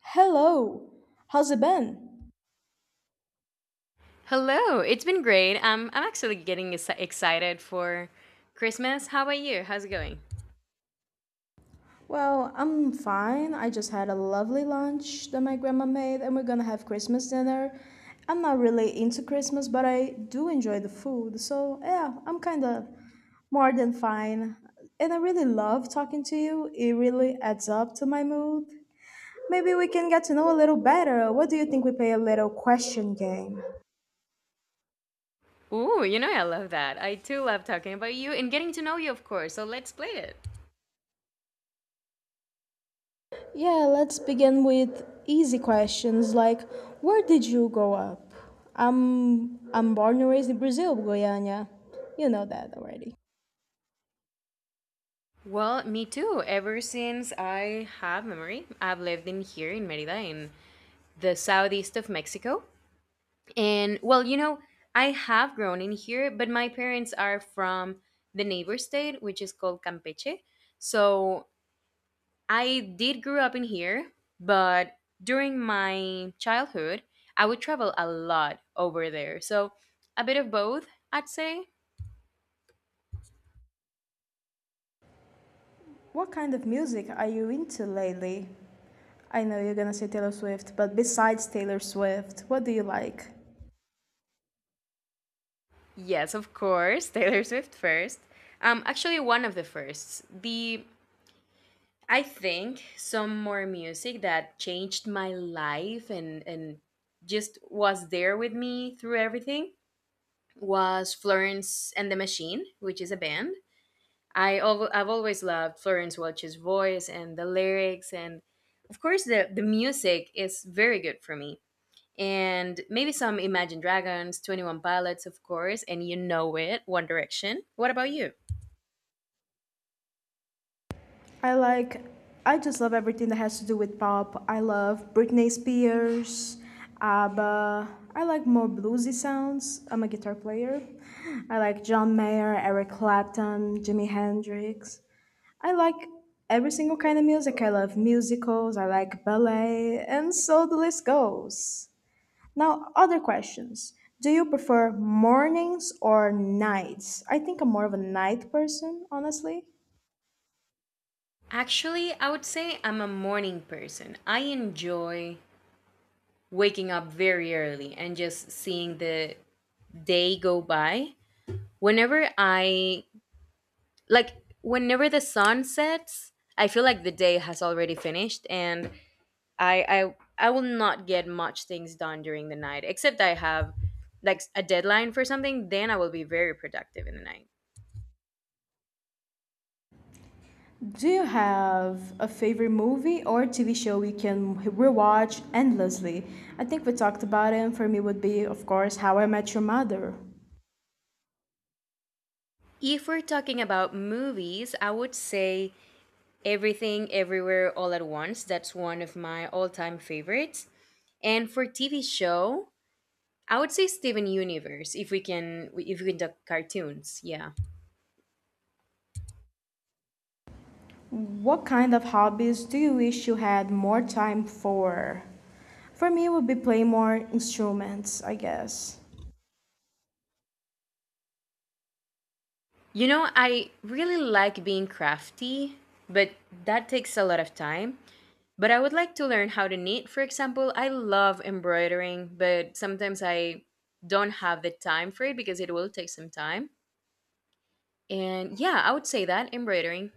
Hello, how's it been? Hello, it's been great. I'm actually getting excited for Christmas. How about you? How's it going? Well, I'm fine. I just had a lovely lunch that my grandma made, and we're gonna have Christmas dinner. I'm not really into Christmas, but I do enjoy the food, so yeah, I'm kinda more than fine. And I really love talking to you, it really adds up to my mood. Maybe we can get to know a little better. What do you think we play a little question game? Ooh, you know I love that. I too love talking about you and getting to know you, of course. So let's play it. Yeah, let's begin with easy questions like where did you grow up? I'm born and raised in Brazil, Goiânia. You know that already. Well, me too. Ever since I have memory, I've lived in here in Merida, in the southeast of Mexico. And well, you know, I have grown in here, but my parents are from the neighbor state, which is called Campeche. So I did grow up in here, but during my childhood, I would travel a lot over there. So a bit of both, I'd say. What kind of music are you into lately? I know you're gonna say Taylor Swift, but besides Taylor Swift, what do you like? Yes, of course, Taylor Swift first. Actually, one of the firsts. The I think some more music that changed my life and just was there with me through everything was Florence and the Machine, which is a band. I've always loved Florence Welch's voice and the lyrics, and of course the music is very good for me. And maybe some Imagine Dragons, 21 Pilots, of course, and you know it, One Direction. What about you? I like, I just love everything that has to do with pop. I love Britney Spears, ABBA. I like more bluesy sounds. I'm a guitar player. I like John Mayer, Eric Clapton, Jimi Hendrix. I like every single kind of music. I love musicals. I like ballet, and so the list goes. Now, other questions. Do you prefer mornings or nights? I think I'm more of a night person, honestly. Actually, I would say I'm a morning person. I enjoy waking up very early and just seeing the day go by. Whenever I like Whenever the sun sets, I feel like the day has already finished and I I will not get much things done during the night except I have like a deadline for something, then I will be very productive in the night. Do you have a favorite movie or TV show we can rewatch endlessly? I think we talked about it, and for me would be, of course, How I Met Your Mother. If we're talking about movies, I would say Everything Everywhere All at Once. That's one of my all-time favorites. And for TV show, I would say Steven Universe if we can talk cartoons. Yeah. What kind of hobbies do you wish you had more time for? For me, it would be playing more instruments, I guess. You know, I really like being crafty, but that takes a lot of time. But I would like to learn how to knit. For example, I love embroidering, but sometimes I don't have the time for it because it will take some time. And yeah, I would say that embroidering.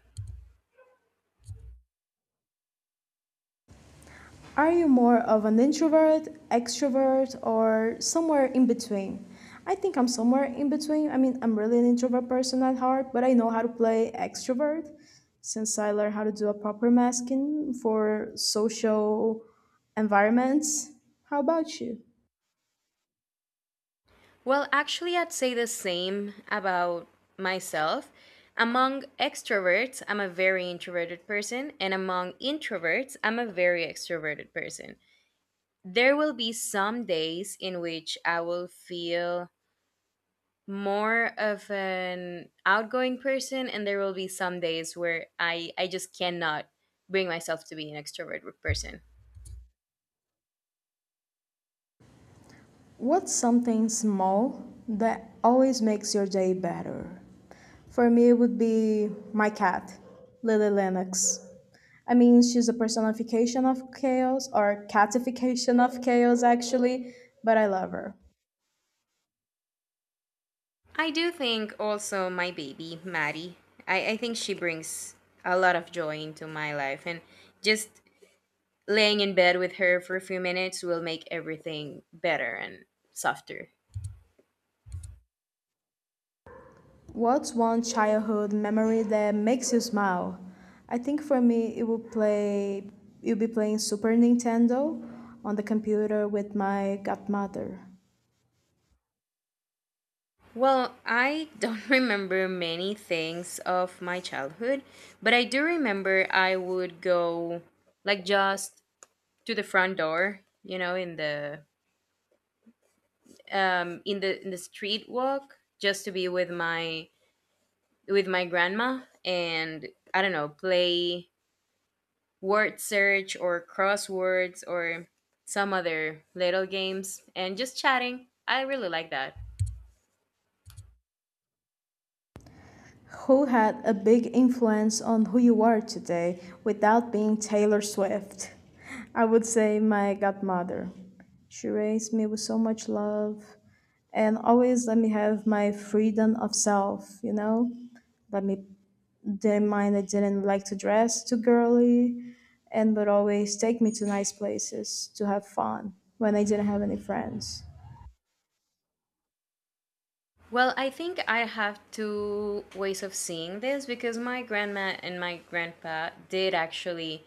Are you more of an introvert, extrovert, or somewhere in between? I think I'm somewhere in between. I mean, I'm really an introvert person at heart, but I know how to play extrovert since I learned how to do a proper masking for social environments. How about you? Well, actually, I'd say the same about myself. Among extroverts, I'm a very introverted person, and among introverts, I'm a very extroverted person. There will be some days in which I will feel more of an outgoing person, and there will be some days where I just cannot bring myself to be an extrovert person. What's something small that always makes your day better? For me, it would be my cat, Lily Lennox. I mean, she's a personification of chaos, or catification of chaos, actually, but I love her. I do think also my baby Maddie, I think she brings a lot of joy into my life and just laying in bed with her for a few minutes will make everything better and softer. What's one childhood memory that makes you smile? I think for me, it would play. You'll be playing Super Nintendo on the computer with my godmother. Well, I don't remember many things of my childhood, but I do remember I would go like just to the front door, you know, in the in the street walk just to be with my grandma, and I don't know, play word search or crosswords or some other little games and just chatting. I really like that. Who had a big influence on who you are today without being Taylor Swift? I would say my godmother. She raised me with so much love and always let me have my freedom of self, you know? Let me didn't mind I didn't like to dress too girly and would always take me to nice places to have fun when I didn't have any friends. Well, I think I have two ways of seeing this because my grandma and my grandpa did actually,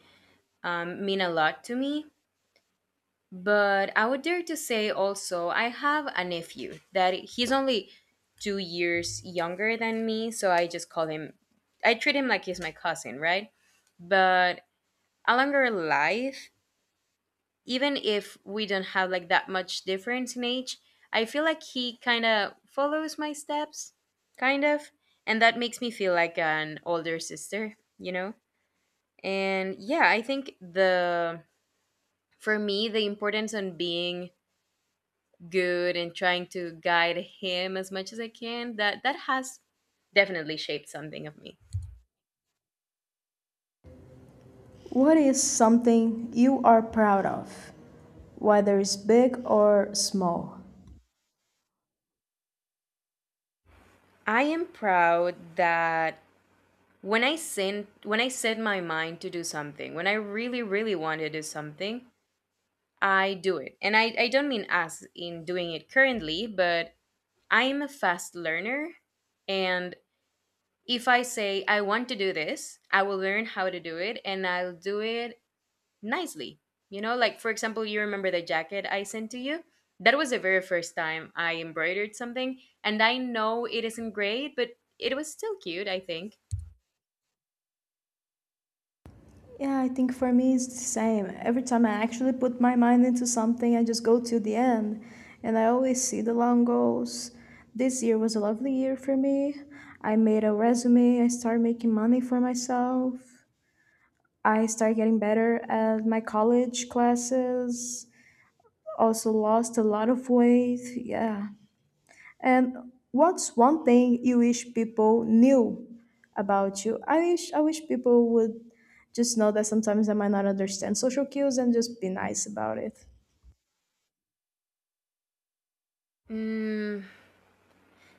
mean a lot to me. But I would dare to say also, I have a nephew that he's only 2 years younger than me, so I just call him, I treat him like he's my cousin, right? But along our life, even if we don't have like that much difference in age, I feel like he kind of follows my steps, kind of, and that makes me feel like an older sister, you know? And yeah, I think the for me the importance on being good and trying to guide him as much as I can, that has definitely shaped something of me. What is something you are proud of, whether it's big or small? I am proud that when I set my mind to do something, when I really, really want to do something, I do it. And I don't mean as in doing it currently, but I am a fast learner, and if I say I want to do this, I will learn how to do it and I'll do it nicely. You know, like for example, you remember the jacket I sent to you? That was the very first time I embroidered something, and I know it isn't great, but it was still cute, I think. Yeah, I think for me it's the same. Every time I actually put my mind into something, I just go to the end and I always see the long goals. This year was a lovely year for me. I made a resume, I started making money for myself. I started getting better at my college classes. Also lost a lot of weight. Yeah. And what's one thing you wish people knew about you? I wish people would just know that sometimes I might not understand social cues and just be nice about it. Mm,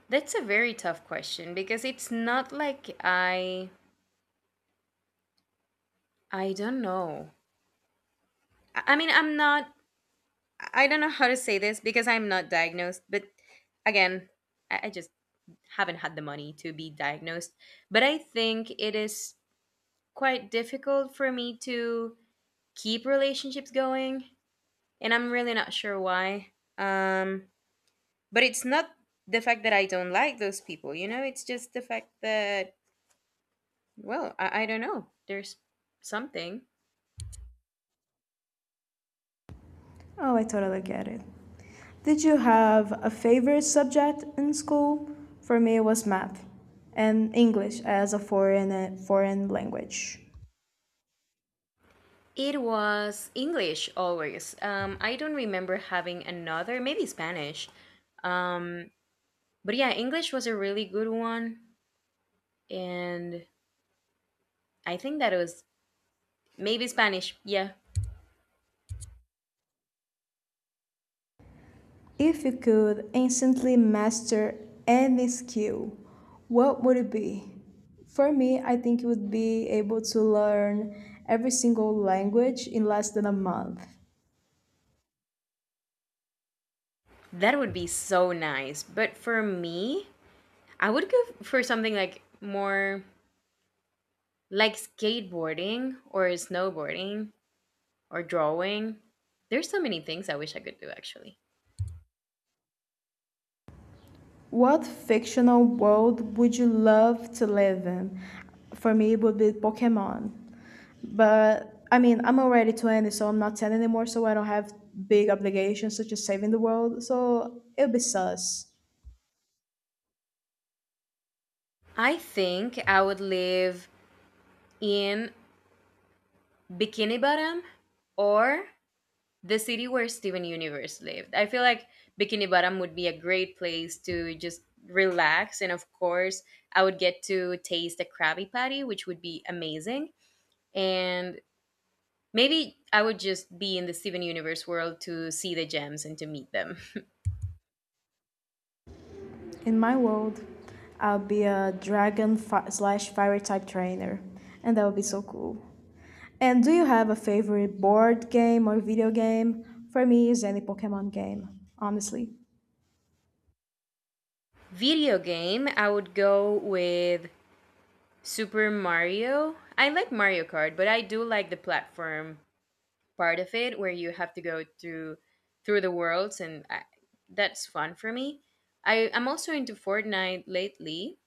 that's a very tough question because it's not like I don't know. I'm not I don't know how to say this because I'm not diagnosed, but again, I just haven't had the money to be diagnosed. But I think it is quite difficult for me to keep relationships going, and I'm really not sure why. um but it's not the fact that I don't like those people, you know, it's just the fact that, well, I don't know, there's something. Oh, I totally get it. Did you have a favorite subject in school? For me, it was math and English as a foreign language. It was English always. I don't remember having another, maybe Spanish. um but yeah, English was a really good one, and I think that was maybe Spanish, yeah. If you could instantly master any skill, what would it be? For me, I think it would be able to learn every single language in less than a month. That would be so nice, but for me I would go for something like more, like skateboarding or snowboarding or drawing. There's so many things I wish I could do actually. What fictional world would you love to live in? For me, it would be Pokemon. But I mean, I'm already 20, so I'm not 10 anymore, so I don't have big obligations such as saving the world, so it'll be sus. I think I would live in Bikini Bottom or the city where Steven Universe lived. I feel like Bikini Bottom would be a great place to just relax, and of course I would get to taste a Krabby Patty, which would be amazing. And maybe I would just be in the Steven Universe world to see the gems and to meet them. In my world, I'll be a dragon slash fire type trainer, and that would be so cool. And do you have a favorite board game or video game? For me, it's any Pokemon game, honestly. Video game, I would go with Super Mario. I like Mario Kart, but I do like the platform part of it where you have to go through the worlds, and I, that's fun for me. I'm also into Fortnite lately.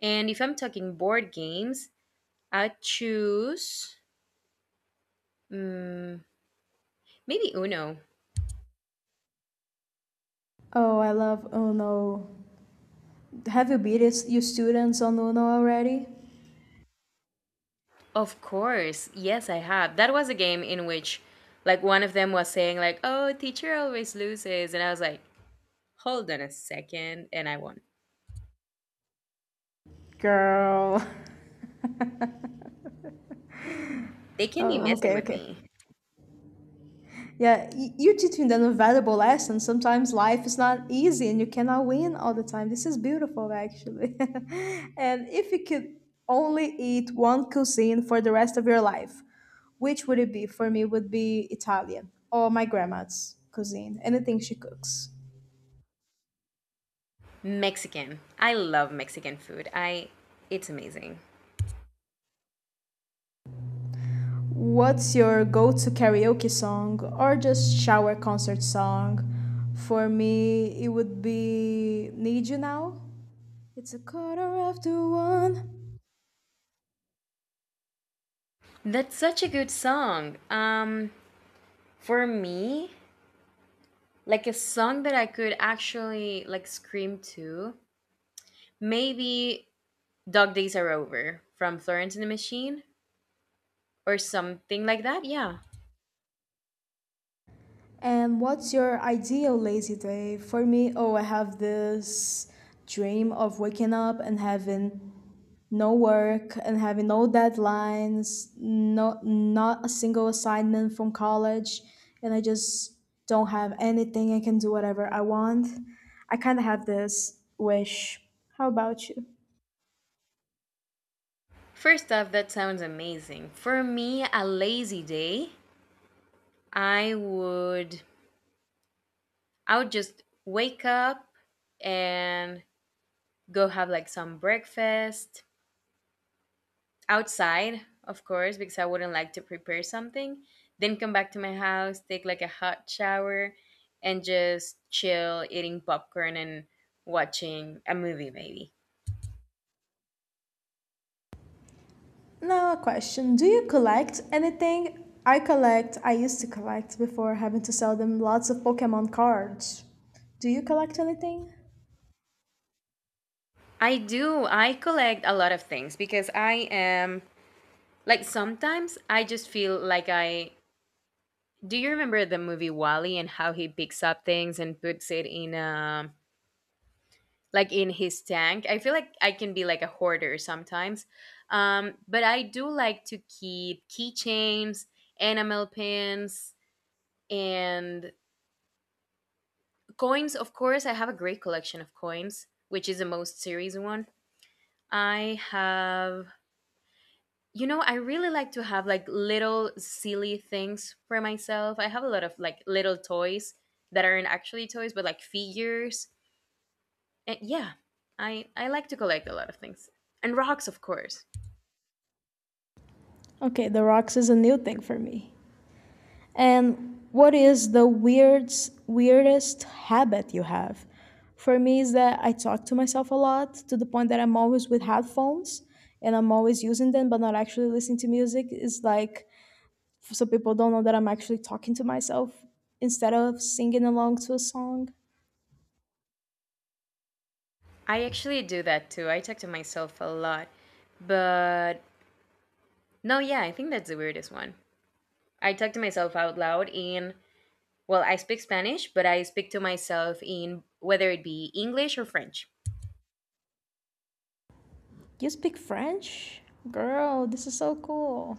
And if I'm talking board games, I choose, mm, maybe Uno. Oh, I love Uno. Have you beat it, you students on Uno already? Of course. Yes, I have. That was a game in which like one of them was saying like, "Oh, teacher always loses." And I was like, "Hold on a second," and I won. Girl. They can be Oh, messing okay, with okay. me. Yeah, you teach me them valuable lesson. Sometimes life is not easy and you cannot win all the time. This is beautiful, actually. And if you could only eat one cuisine for the rest of your life, which would it be? For me, would be Italian or my grandma's cuisine, anything she cooks. Mexican. I love Mexican food. I It's amazing. What's your go to karaoke song or just shower concert song? For me, it would be Need You Now. It's a quarter after one. That's such a good song. For me, like a song that I could actually like scream to, maybe Dog Days Are Over from Florence and the Machine or something like that. Yeah. And what's your ideal lazy day? For me, oh, I have this dream of waking up and having no work and having no deadlines, no, not a single assignment from college, and I just don't have anything. I can do whatever I want. I kind of have this wish. How about you? First off, that sounds amazing. For me, a lazy day, I would I would just wake up and go have like some breakfast outside, of course, because I wouldn't like to prepare something. Then come back to my house, take like a hot shower and just chill eating popcorn and watching a movie maybe. Now, a question. Do you collect anything? I used to collect before having to sell them lots of Pokemon cards. Do you collect anything? I do. I collect a lot of things because I am, like, sometimes I just feel like I, do you remember the movie Wally and how he picks up things and puts it in, like in his tank? I feel like I can be like a hoarder sometimes. But I do like to keep keychains, enamel pins and coins, of course. I have a great collection of coins, which is the most serious one. I have, you know, I really like to have like little silly things for myself. I have a lot of like little toys that aren't actually toys but like figures. Yeah, I like to collect a lot of things. And rocks, of course. Okay, the rocks is a new thing for me. And what is the weirdest habit you have? For me, is that I talk to myself a lot to the point that I'm always with headphones and I'm always using them but not actually listening to music. It's like so people don't know that I'm actually talking to myself instead of singing along to a song. I actually do that too. I talk to myself a lot. But no, yeah, I think that's the weirdest one. I talk to myself out loud in, well, I speak Spanish, but I speak to myself in whether it be English or French. You speak French? Girl, this is so cool.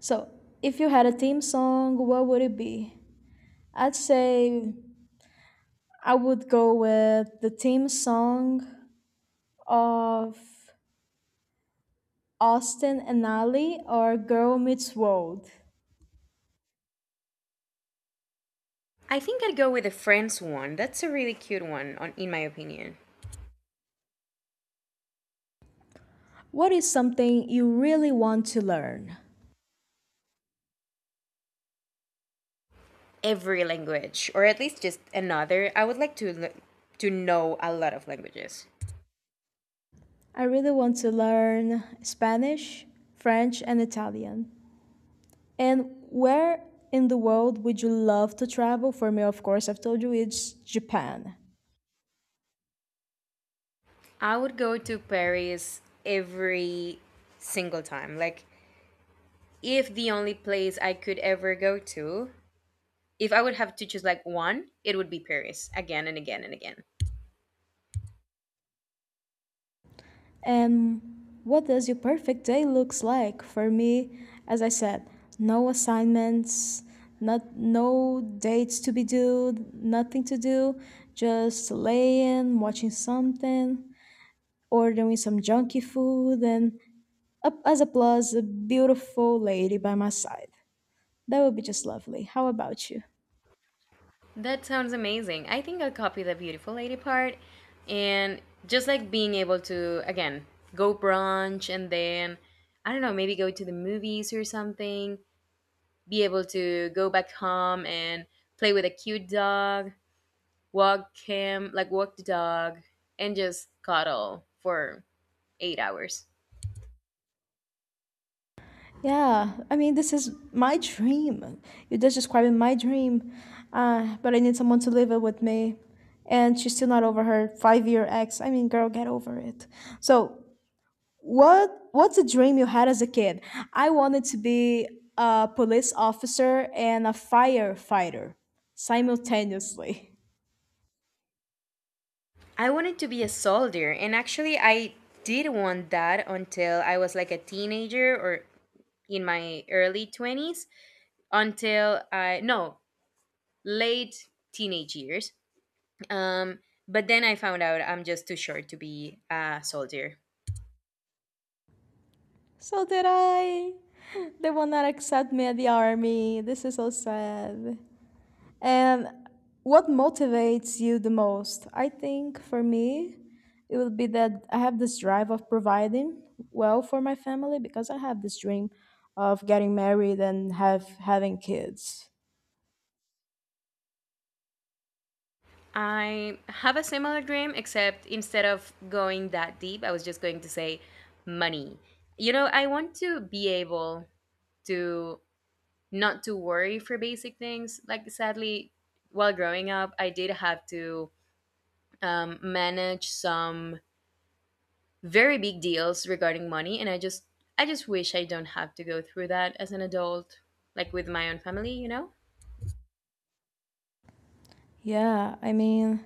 So, if you had a theme song, what would it be? I'd say I would go with the theme song of Austin and Ally or Girl Meets World. I think I'd go with the French one. That's a really cute one on, in my opinion. What is something you really want to learn? Every language or at least just another. I would like to to know a lot of languages. I really want to learn Spanish, French, and Italian. And where in the world would you love to travel? For me, of course, I've told you it's Japan. I would go to Paris every single time. Like, if the only place I could ever go to, if I would have to choose like one, it would be Paris again and again and again. And what does your perfect day looks like? For me, as I said, no assignments, not no dates to be due, nothing to do, just laying, watching something, ordering some junky food, and up as a plus, a beautiful lady by my side. That would be just lovely. How about you? That sounds amazing. I think I'll copy the beautiful lady part and just like being able to, again, go brunch and then, I don't know, maybe go to the movies or something, be able to go back home and play with a cute dog. Walk him, like walk the dog, and just cuddle for 8 hours. Yeah, I mean, this is my dream. You're just describing my dream. But I need someone to live it with me. And she's still not over her 5-year ex. I mean, girl, get over it. So, what's a dream you had as a kid? I wanted to be a police officer and a firefighter simultaneously. I wanted to be a soldier, and actually, I did want that until I was like a teenager or in my early 20s, until I, no, late teenage years. Um, but then I found out I'm just too short to be a soldier. So did I. They will not accept me at the army. This is so sad. And what motivates you the most? I think for me, it would be that I have this drive of providing well for my family because I have this dream of getting married and have having kids. I have a similar dream, except instead of going that deep, I was just going to say money. You know, I want to be able to not to worry for basic things. Like, sadly, while growing up, I did have to manage some very big deals regarding money, and I just wish I don't have to go through that as an adult, like with my own family. You know. Yeah, I mean,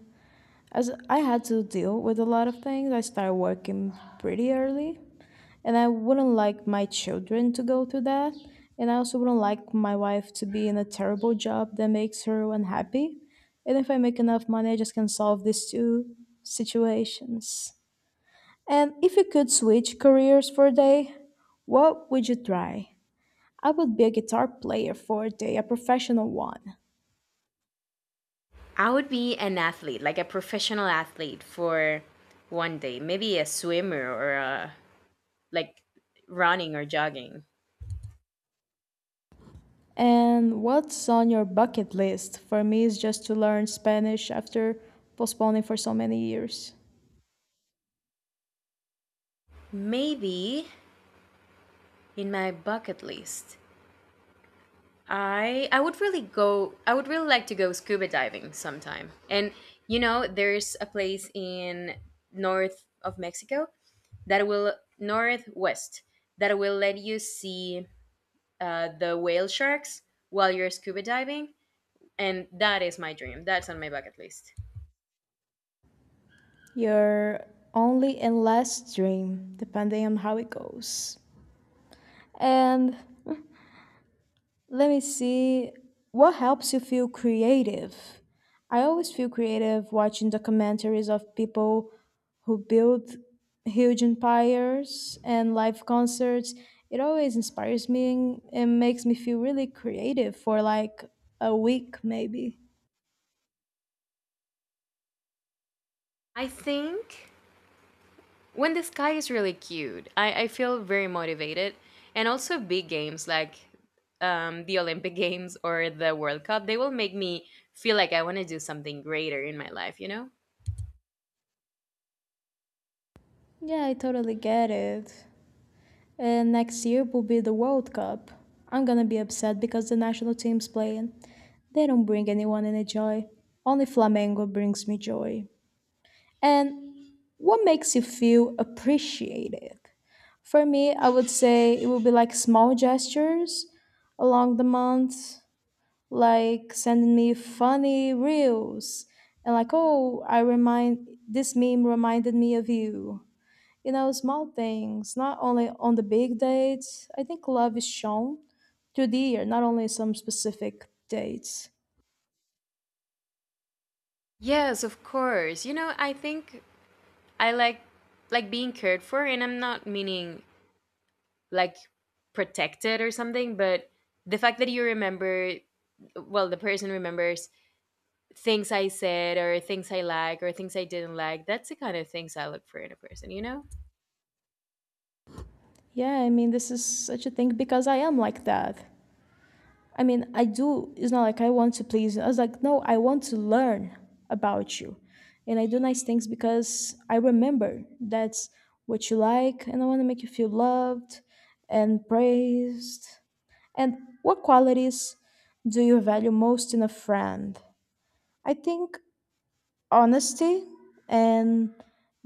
as I had to deal with a lot of things, I started working pretty early. And I wouldn't like my children to go through that. And I also wouldn't like my wife to be in a terrible job that makes her unhappy. And if I make enough money, I just can solve these two situations. And if you could switch careers for a day, what would you try? I would be a guitar player for a day, a professional one. I would be an athlete, like a professional athlete for one day. Maybe a swimmer or a, like, running or jogging. And what's on your bucket list? For me, is just to learn Spanish after postponing for so many years. Maybe in my bucket list. I would really like to go scuba diving sometime. And you know, there's a place in north of Mexico that will, northwest, that will let you see the whale sharks while you're scuba diving, and that is my dream. That's on my bucket list. You're only in last dream, depending on how it goes. And let me see what helps you feel creative. I always feel creative watching documentaries of people who build huge empires and live concerts. It always inspires me and makes me feel really creative for like a week, maybe. I think when the sky is really cute, I feel very motivated. And also big games like the Olympic games or the World Cup, they will make me feel like I want to do something greater in my life, you know? Yeah, I totally get it. Next year will be the World Cup. I'm gonna be upset because the national team's playing. They don't bring anyone any joy. Only Flamengo brings me joy. And what makes you feel appreciated? For me, I would say it would be like small gestures along the month, like sending me funny reels and like, oh, I remind this meme reminded me of you, you know, small things, not only on the big dates. I think love is shown through the year, not only some specific dates. Yes, of course. You know, I think I like being cared for, and I'm not meaning, like, protected or something, but the fact that you remember, well, the person remembers things I said or things I like or things I didn't like. That's the kind of things I look for in a person, you know? Yeah, I mean, this is such a thing because I am like that. I mean, I do, it's not like I want to please you. I was like, no, I want to learn about you. And I do nice things because I remember that's what you like, and I want to make you feel loved and praised. And what qualities do you value most in a friend? I think honesty and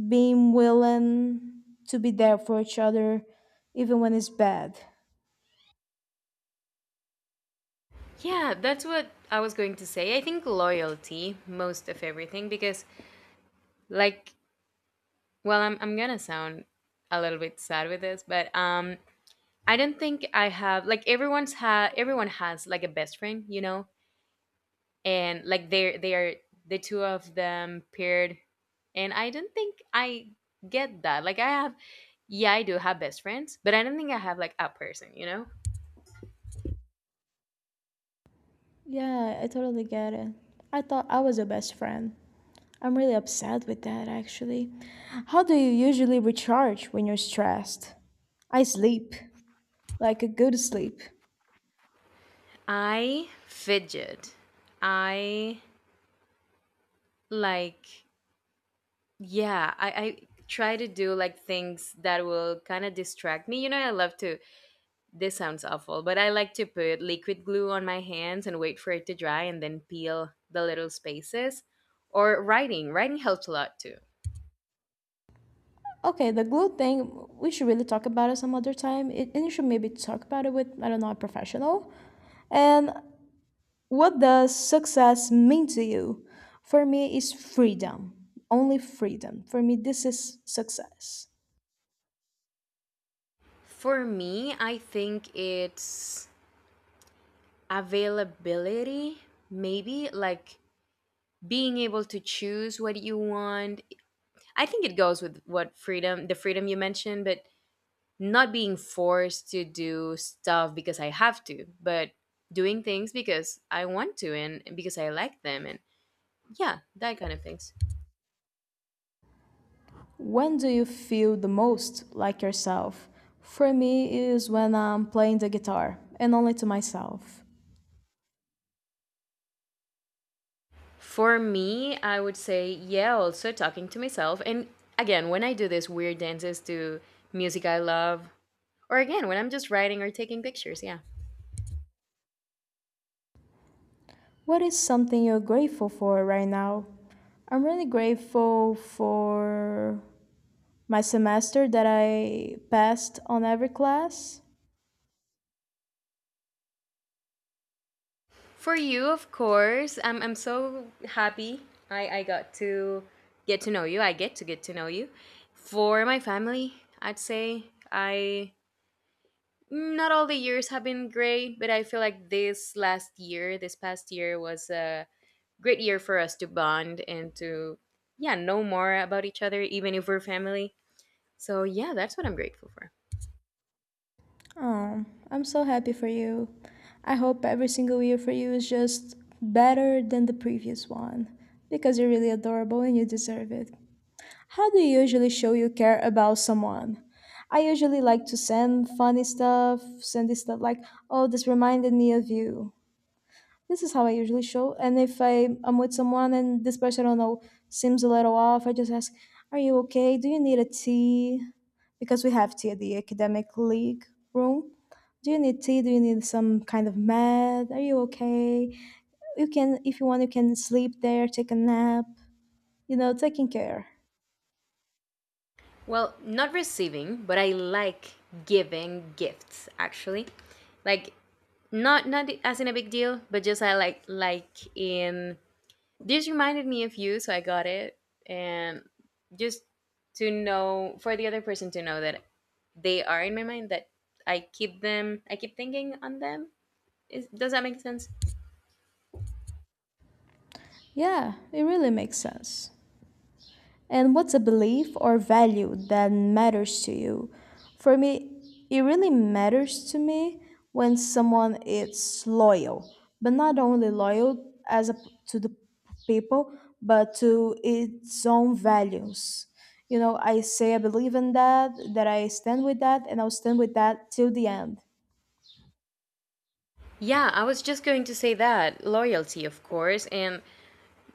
being willing to be there for each other even when it's bad. Yeah, that's what I was going to say. I think loyalty, most of everything, because, like, well, I'm gonna sound a little bit sad with this, but I don't think I have, like, everyone has, like, a best friend, you know? And like, they are the two of them paired, and I don't think I get that. Like, I have, yeah, I do have best friends, but I don't think I have, like, a person, you know? Yeah, I totally get it. I thought I was your best friend. I'm really upset with that actually. How do you usually recharge when you're stressed? I sleep, like a good sleep. I fidget. I, like, yeah, I try to do, like, things that will kind of distract me. You know, I love to, this sounds awful, but I like to put liquid glue on my hands and wait for it to dry and then peel the little spaces. Or writing. Writing helps a lot too. Okay, the glue thing, we should really talk about it some other time. And you should maybe talk about it with, I don't know, a professional. And what does success mean to you? For me, it's freedom. Only freedom. For me, this is success. For me, I think it's availability, maybe like being able to choose what you want. I think it goes with what freedom, the freedom you mentioned, but not being forced to do stuff because I have to, but doing things because I want to and because I like them. And yeah, that kind of things. When do you feel the most like yourself? For me, is when I'm playing the guitar and only to myself. For me, I would say, yeah, also talking to myself. And again, when I do these weird dances to music I love, or again, when I'm just writing or taking pictures, yeah. What is something you're grateful for right now? I'm really grateful for my semester that I passed on every class. For you, of course. I'm so happy I got to get to know you. I get to know you. For my family, I'd say, I, not all the years have been great, but I feel like this last year, this past year was a great year for us to bond and to, yeah, know more about each other even if we're family. So, yeah, that's what I'm grateful for. Oh, I'm so happy for you. I hope every single year for you is just better than the previous one because you're really adorable and you deserve it. How do you usually show you care about someone? I usually like to send funny stuff, send this stuff like, oh, this reminded me of you, this is how I usually show. And if I, I'm with someone and this person, I don't know, seems a little off, I just ask, are you okay? Do you need a tea? Because we have tea at the academic league room. Do you need tea? Do you need some kind of med? Are you okay? You can, if you want, you can sleep there, take a nap, you know, taking care. Well, not receiving, but I like giving gifts actually. Like, not as in a big deal, but just I like in, this reminded me of you, so I got it. And just to know, for the other person to know, that they are in my mind, that I keep thinking on them. Is, does that make sense? Yeah, it really makes sense. And what's a belief or value that matters to you? For me, it really matters to me when someone is loyal, but not only loyal to the people, but to its own values. You know, I say I believe in that, that I stand with that, and I'll stand with that till the end. Yeah, I was just going to say that loyalty, of course. And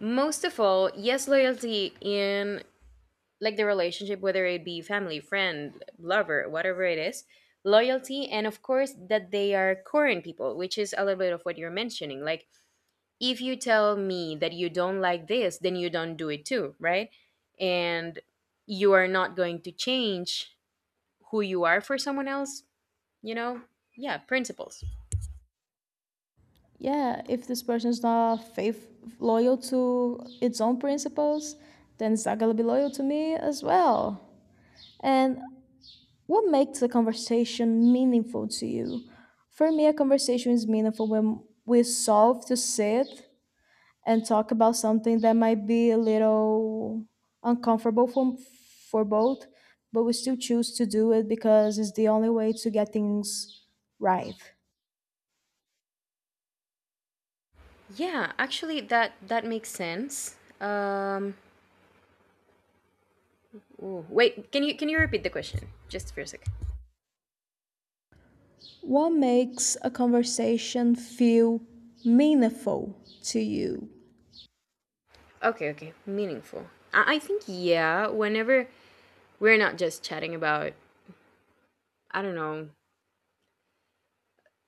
most of all, yes, loyalty in, like, the relationship, whether it be family, friend, lover, whatever it is, loyalty, and of course that they are current people, which is a little bit of what you're mentioning. Like, if you tell me that you don't like this, then you don't do it too, right? And you are not going to change who you are for someone else, you know? Yeah, principles. Yeah, if this person is not faith loyal to its own principles, then it's not gonna be loyal to me as well. And what makes a conversation meaningful to you? For me, a conversation is meaningful when we solve to sit and talk about something that might be a little uncomfortable for both, but we still choose to do it because it's the only way to get things right. Yeah, actually, that that makes sense. Ooh, wait, can you repeat the question just for a sec. What makes a conversation feel meaningful to you? Okay, okay. Meaningful. I think, yeah, whenever we're not just chatting about, I don't know,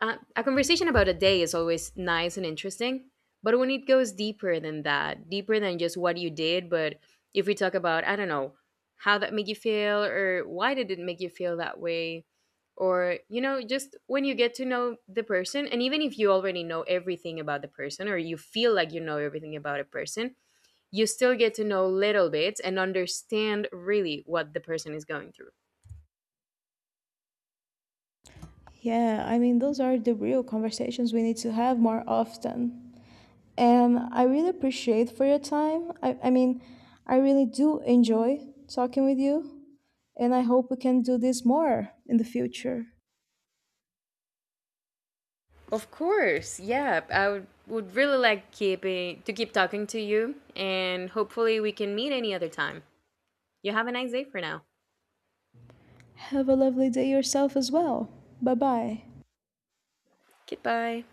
a conversation about a day is always nice and interesting. But when it goes deeper than that, deeper than just what you did, but if we talk about, I don't know, how that made you feel, or why did it make you feel that way? Or, you know, just when you get to know the person, and even if you already know everything about the person or you feel like you know everything about a person, you still get to know little bits and understand really what the person is going through. Yeah, I mean, those are the real conversations we need to have more often. And I really appreciate for your time. I mean, I really do enjoy talking with you, and I hope we can do this more in the future. Of course, yeah. I would really like keeping to keep talking to you, and hopefully we can meet any other time. You have a nice day for now. Have a lovely day yourself as well. Bye bye. Goodbye.